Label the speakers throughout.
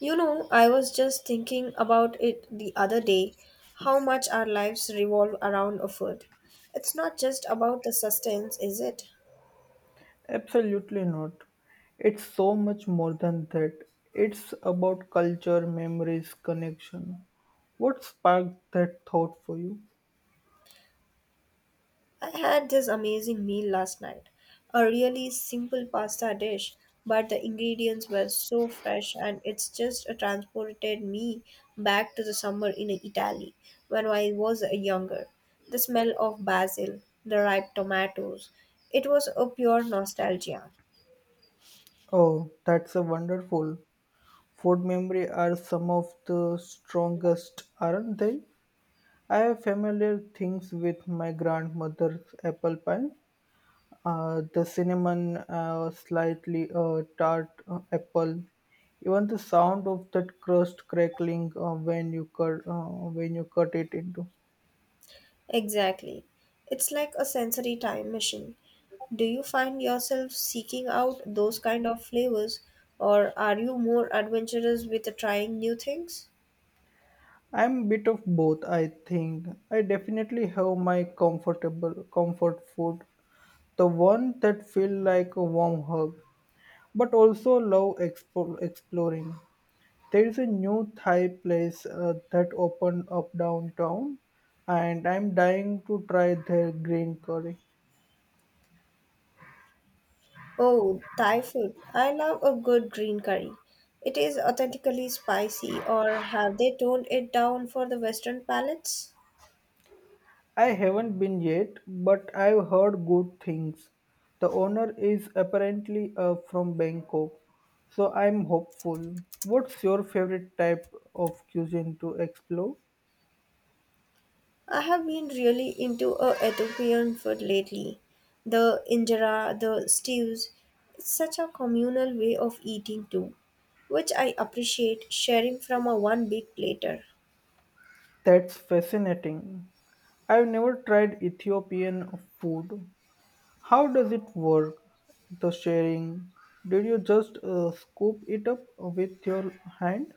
Speaker 1: You know, I was just thinking about it the other day how much our lives revolve around a food. It's not just about the sustenance, is it?
Speaker 2: Absolutely not. It's so much more than that. It's about culture, memories, connection. What sparked that thought for you?
Speaker 1: I had this amazing meal last night, a really simple pasta dish, but the ingredients were so fresh and it's just transported me back to the summer in Italy when I was younger. The smell of basil, the ripe tomatoes, it was a pure nostalgia.
Speaker 2: Oh, that's a wonderful. Food memory are some of the strongest, aren't they? I have familiar things with my grandmother's apple pie. The cinnamon, slightly tart apple, even the sound of that crust crackling when you cut it into.
Speaker 1: Exactly. It's like a sensory time machine. Do you find yourself seeking out those kind of flavors, or are you more adventurous with trying new things?
Speaker 2: I'm a bit of both, I think. I definitely have my comfort food, the one that feel like a warm hug, but also love exploring. There is a new Thai place that opened up downtown, and I'm dying to try their green curry.
Speaker 1: Oh, Thai food. I love a good green curry. It is authentically spicy, or have they toned it down for the Western palates?
Speaker 2: I haven't been yet, but I've heard good things. The owner is apparently from Bangkok, so I'm hopeful. What's your favorite type of cuisine to explore?
Speaker 1: I have been really into Ethiopian food lately. The injera, the stews, it's such a communal way of eating too, which I appreciate sharing from a one big platter.
Speaker 2: That's fascinating. I've never tried Ethiopian food. How does it work? The sharing? Did you just scoop it up with your hand?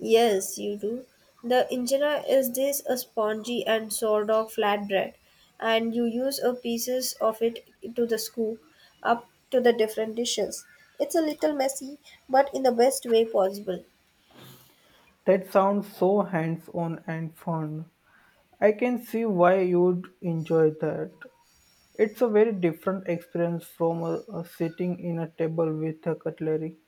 Speaker 1: Yes, you do. The injera is this a spongy and sort of flatbread, and you use a pieces of it to the scoop up to the different dishes. It's a little messy, but in the best way possible.
Speaker 2: That sounds so hands on and fun. I can see why you'd enjoy that. It's a very different experience from sitting in a table with a cutlery.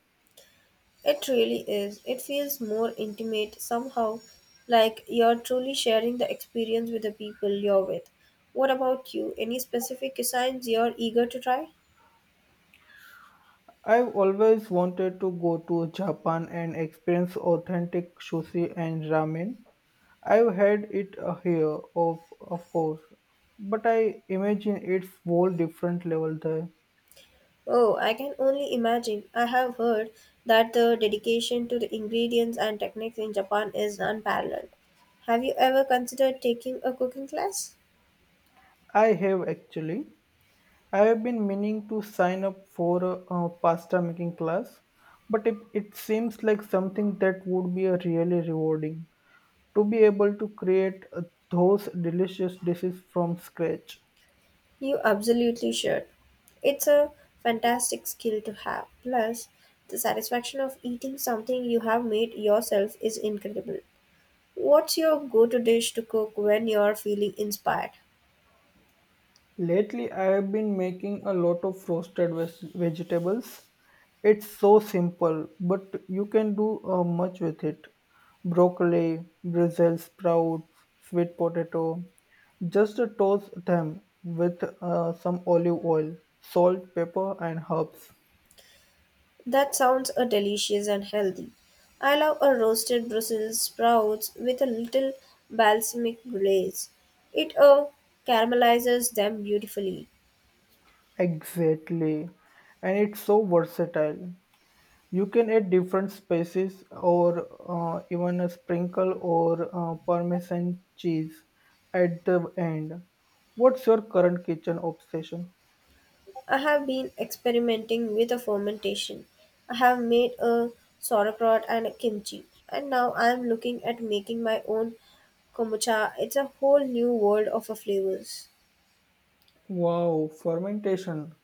Speaker 1: It really is. It feels more intimate somehow, like you're truly sharing the experience with the people you're with. What about you? Any specific cuisines you're eager to try?
Speaker 2: I've always wanted to go to Japan and experience authentic sushi and ramen. I've had it here, of course, but I imagine it's whole different level there.
Speaker 1: Oh, I can only imagine. I have heard that the dedication to the ingredients and techniques in Japan is unparalleled. Have you ever considered taking a cooking class?
Speaker 2: I have actually. I have been meaning to sign up for a, pasta making class, but it seems like something that would be a really rewarding to be able to create those delicious dishes from scratch.
Speaker 1: You absolutely should. It's a fantastic skill to have. Plus, the satisfaction of eating something you have made yourself is incredible. What's your go to dish to cook when you're feeling inspired?
Speaker 2: Lately, I have been making a lot of roasted vegetables. It's so simple, but you can do much with it. Broccoli, Brussels sprouts, sweet potato. Just toast them with some olive oil, salt, pepper, and herbs.
Speaker 1: That sounds delicious and healthy. I love a roasted Brussels sprouts with a little balsamic glaze. It caramelizes them beautifully.
Speaker 2: Exactly. And it's so versatile. You can add different spices or even a sprinkle or parmesan cheese at the end. What's your current kitchen obsession?
Speaker 1: I have been experimenting with a fermentation. I have made a sauerkraut and a kimchi, and now I am looking at making my own kombucha. It's a whole new world of a flavors.
Speaker 2: Wow, fermentation.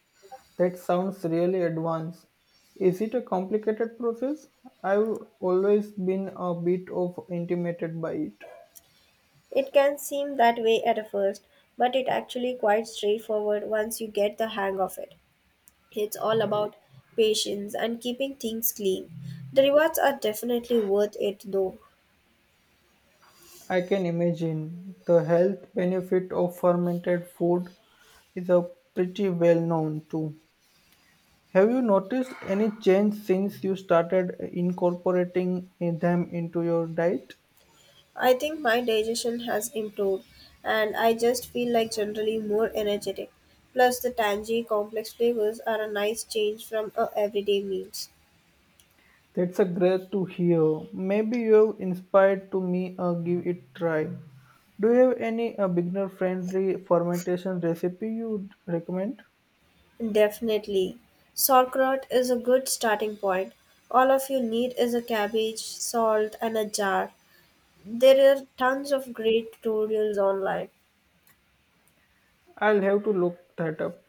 Speaker 2: That sounds really advanced. Is it a complicated process? I've always been a bit of intimidated by it.
Speaker 1: It can seem that way at a first, but it actually quite straightforward once you get the hang of it. It's all about patience and keeping things clean. The rewards are definitely worth it though.
Speaker 2: I can imagine the health benefit of fermented food is a pretty well known too. Have you noticed any change since you started incorporating them into your diet?
Speaker 1: I think my digestion has improved and I just feel like generally more energetic. Plus, the tangy, complex flavors are a nice change from our everyday meals.
Speaker 2: That's a great to hear. Maybe you've inspired to me give it try. Do you have any beginner friendly fermentation recipe you'd recommend?
Speaker 1: Definitely. Sauerkraut is a good starting point. All of you need is a cabbage, salt, and a jar. There are tons of great tutorials online.
Speaker 2: I'll have to look that up.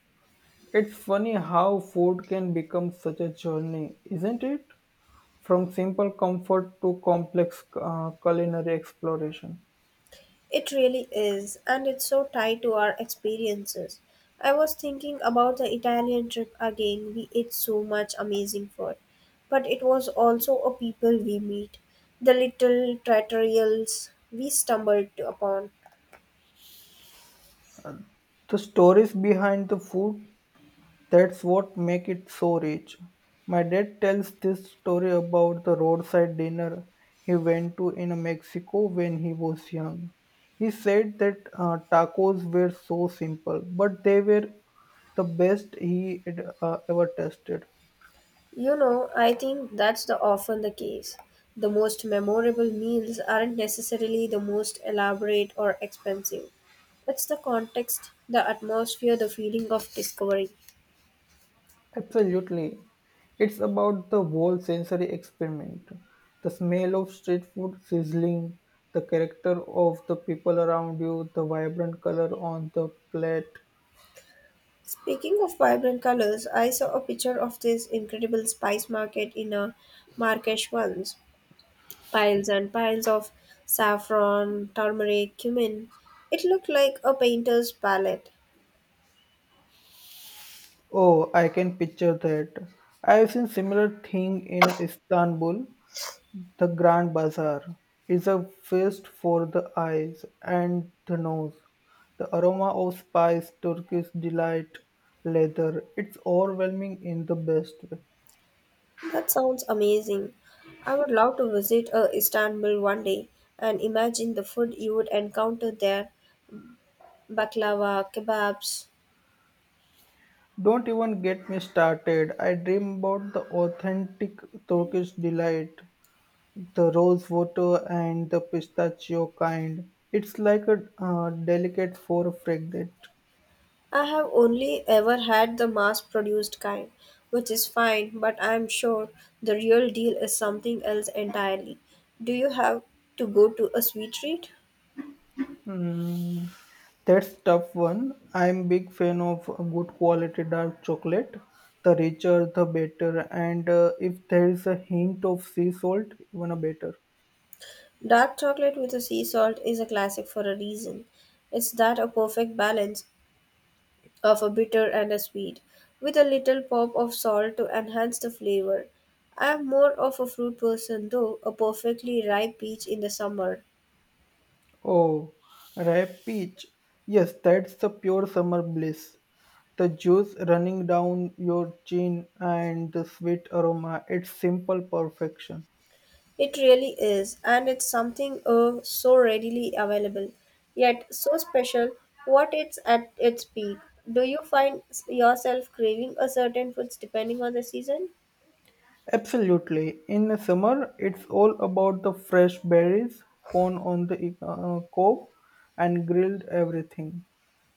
Speaker 2: It's funny how food can become such a journey, isn't it? From simple comfort to complex culinary exploration.
Speaker 1: It really is, and it's so tied to our experiences. I was thinking about the Italian trip again. We ate so much amazing food, but it was also a people we meet, the little trattorials we stumbled upon.
Speaker 2: The stories behind the food, that's what make it so rich. My dad tells this story about the roadside dinner he went to in Mexico when he was young. He said that tacos were so simple, but they were the best he had ever tasted.
Speaker 1: You know, I think that's the often the case. The most memorable meals aren't necessarily the most elaborate or expensive. It's the context, the atmosphere, the feeling of discovery.
Speaker 2: Absolutely. It's about the whole sensory experiment. The smell of street food sizzling, the character of the people around you, the vibrant color on the plate.
Speaker 1: Speaking of vibrant colors, I saw a picture of this incredible spice market in a Marrakesh once. Piles and piles of saffron, turmeric, cumin. It looked like a painter's palette.
Speaker 2: Oh, I can picture that. I have seen similar thing in Istanbul. The Grand Bazaar is a feast for the eyes and the nose. The aroma of spice, Turkish delight, leather, it's overwhelming in the best way.
Speaker 1: That sounds amazing. I would love to visit Istanbul one day and imagine the food you would encounter there baklava, kebabs,
Speaker 2: Don't even get me started. I dream about the authentic Turkish delight, the rose water and the pistachio kind. It's like a delicate for fragrant.
Speaker 1: I have only ever had the mass produced kind, which is fine, but I am sure the real deal is something else entirely. Do you have to go to a sweet treat?
Speaker 2: Mm, that's tough one. I'm big fan of good quality dark chocolate. The richer, the better. And if there is a hint of sea salt, even a better.
Speaker 1: Dark chocolate with a sea salt is a classic for a reason. It's that a perfect balance of a bitter and a sweet, with a little pop of salt to enhance the flavor. I am more of a fruit person though, a perfectly ripe peach in the summer.
Speaker 2: Oh, ripe peach. Yes, that's the pure summer bliss. The juice running down your chin and the sweet aroma. It's simple perfection.
Speaker 1: It really is, and it's something so readily available, yet so special what it's at its peak. Do you find yourself craving a certain foods depending on the season?
Speaker 2: Absolutely. In the summer, it's all about the fresh berries, corn on the cob, and grilled everything.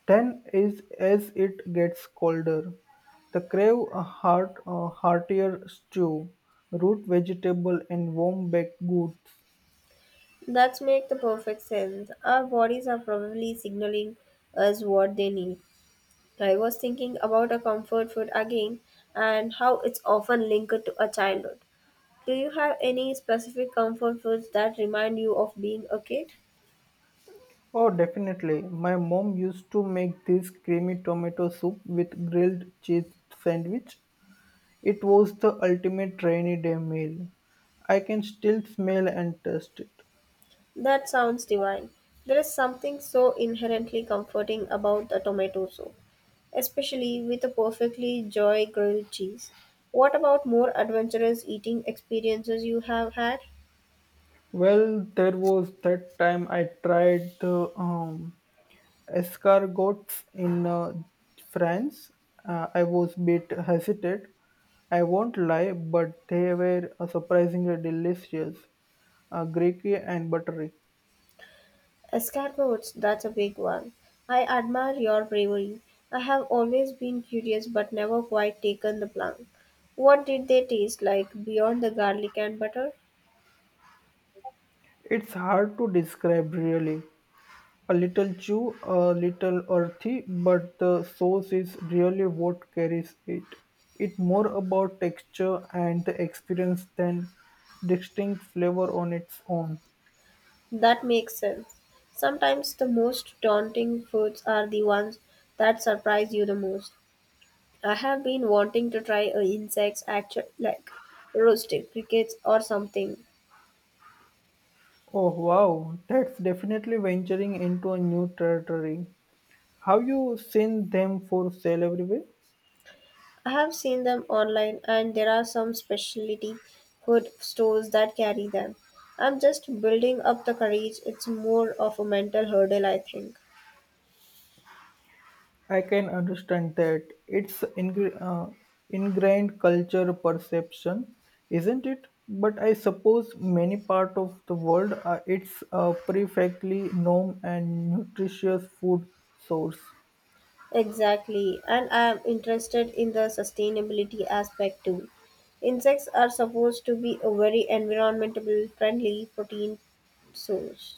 Speaker 2: Then, is as it gets colder, the crave a a heartier stew, root vegetable, and warm baked goods.
Speaker 1: That's make the perfect sense. Our bodies are probably signaling us what they need. I was thinking about a comfort food again and how it's often linked to a childhood. Do you have any specific comfort foods that remind you of being a kid?
Speaker 2: Oh, definitely. My mom used to make this creamy tomato soup with grilled cheese sandwich. It was the ultimate rainy day meal. I can still smell and taste it.
Speaker 1: That sounds divine. There is something so inherently comforting about a tomato soup, especially with a perfectly joy grilled cheese. What about more adventurous eating experiences you have had?
Speaker 2: Well, there was that time I tried the escargots in France. I was a bit hesitant. I won't lie, but they were surprisingly delicious, greasy and buttery.
Speaker 1: Escargots, that's a big one. I admire your bravery. I have always been curious but never quite taken the plunge. What did they taste like beyond the garlic and butter?
Speaker 2: It's hard to describe really. A little chew, a little earthy, but the sauce is really what carries it. It's more about texture and the experience than distinct flavor on its own.
Speaker 1: That makes sense. Sometimes the most daunting foods are the ones that surprise you the most. I have been wanting to try a insects actually like roasted crickets or something.
Speaker 2: Oh wow, that's definitely venturing into a new territory. Have you seen them for sale everywhere?
Speaker 1: I have seen them online and there are some specialty food stores that carry them. I'm just building up the courage. It's more of a mental hurdle, I think.
Speaker 2: I can understand that. It's ingrained culture perception, isn't it? But I suppose many part of the world, it's a perfectly known and nutritious food source.
Speaker 1: Exactly, and I am interested in the sustainability aspect too. Insects are supposed to be a very environmentally friendly protein source.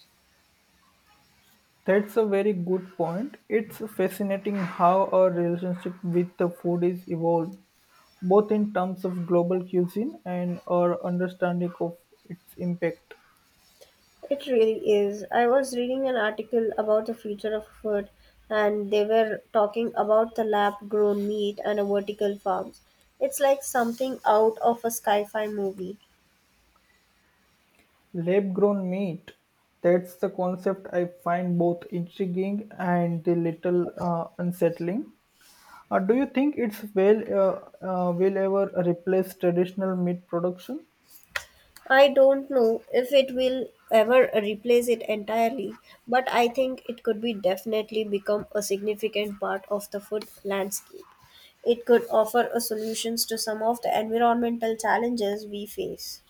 Speaker 2: That's a very good point. It's fascinating how our relationship with the food is evolved, both in terms of global cuisine and our understanding of its impact.
Speaker 1: It really is. I was reading an article about the future of food, and they were talking about the lab grown meat and a vertical farms. It's like something out of a sci fi movie.
Speaker 2: Lab-grown meat. That's the concept I find both intriguing and a little unsettling. Do you think it's will ever replace traditional meat production?
Speaker 1: I don't know if it will ever replace it entirely, but I think it could be definitely become a significant part of the food landscape. It could offer a solutions to some of the environmental challenges we face.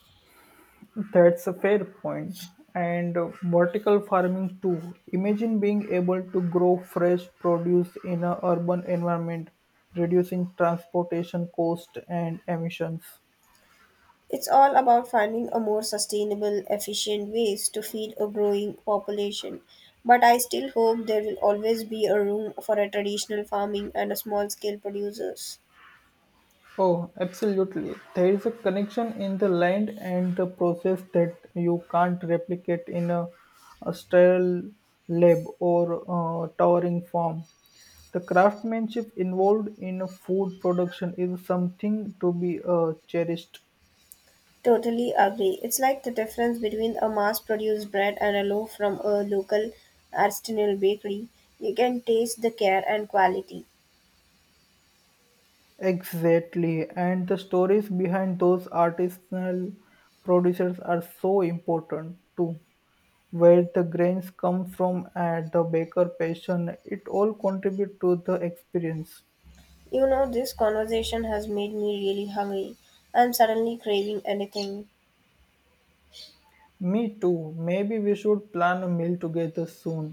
Speaker 2: That's a fair point. And vertical farming too. Imagine being able to grow fresh produce in an urban environment, reducing transportation cost and emissions.
Speaker 1: It's all about finding a more sustainable, efficient ways to feed a growing population. But I still hope there will always be a room for a traditional farming and a small scale producers.
Speaker 2: Oh, absolutely. There is a connection in the land and the process that you can't replicate in a sterile lab or towering farm. The craftsmanship involved in a food production is something to be cherished.
Speaker 1: Totally agree. It's like the difference between a mass produced bread and a loaf from a local artisanal bakery. You can taste the care and quality.
Speaker 2: Exactly, and the stories behind those artisanal producers are so important too, where the grains come from and the baker passion it all contribute to the experience.
Speaker 1: You know, this conversation has made me really hungry. I'm suddenly craving anything.
Speaker 2: Me too. Maybe we should plan a meal together soon.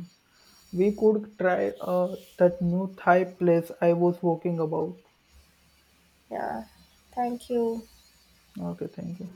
Speaker 2: We could try that new Thai place I was walking about.
Speaker 1: Yeah, thank you.
Speaker 2: Okay, thank you.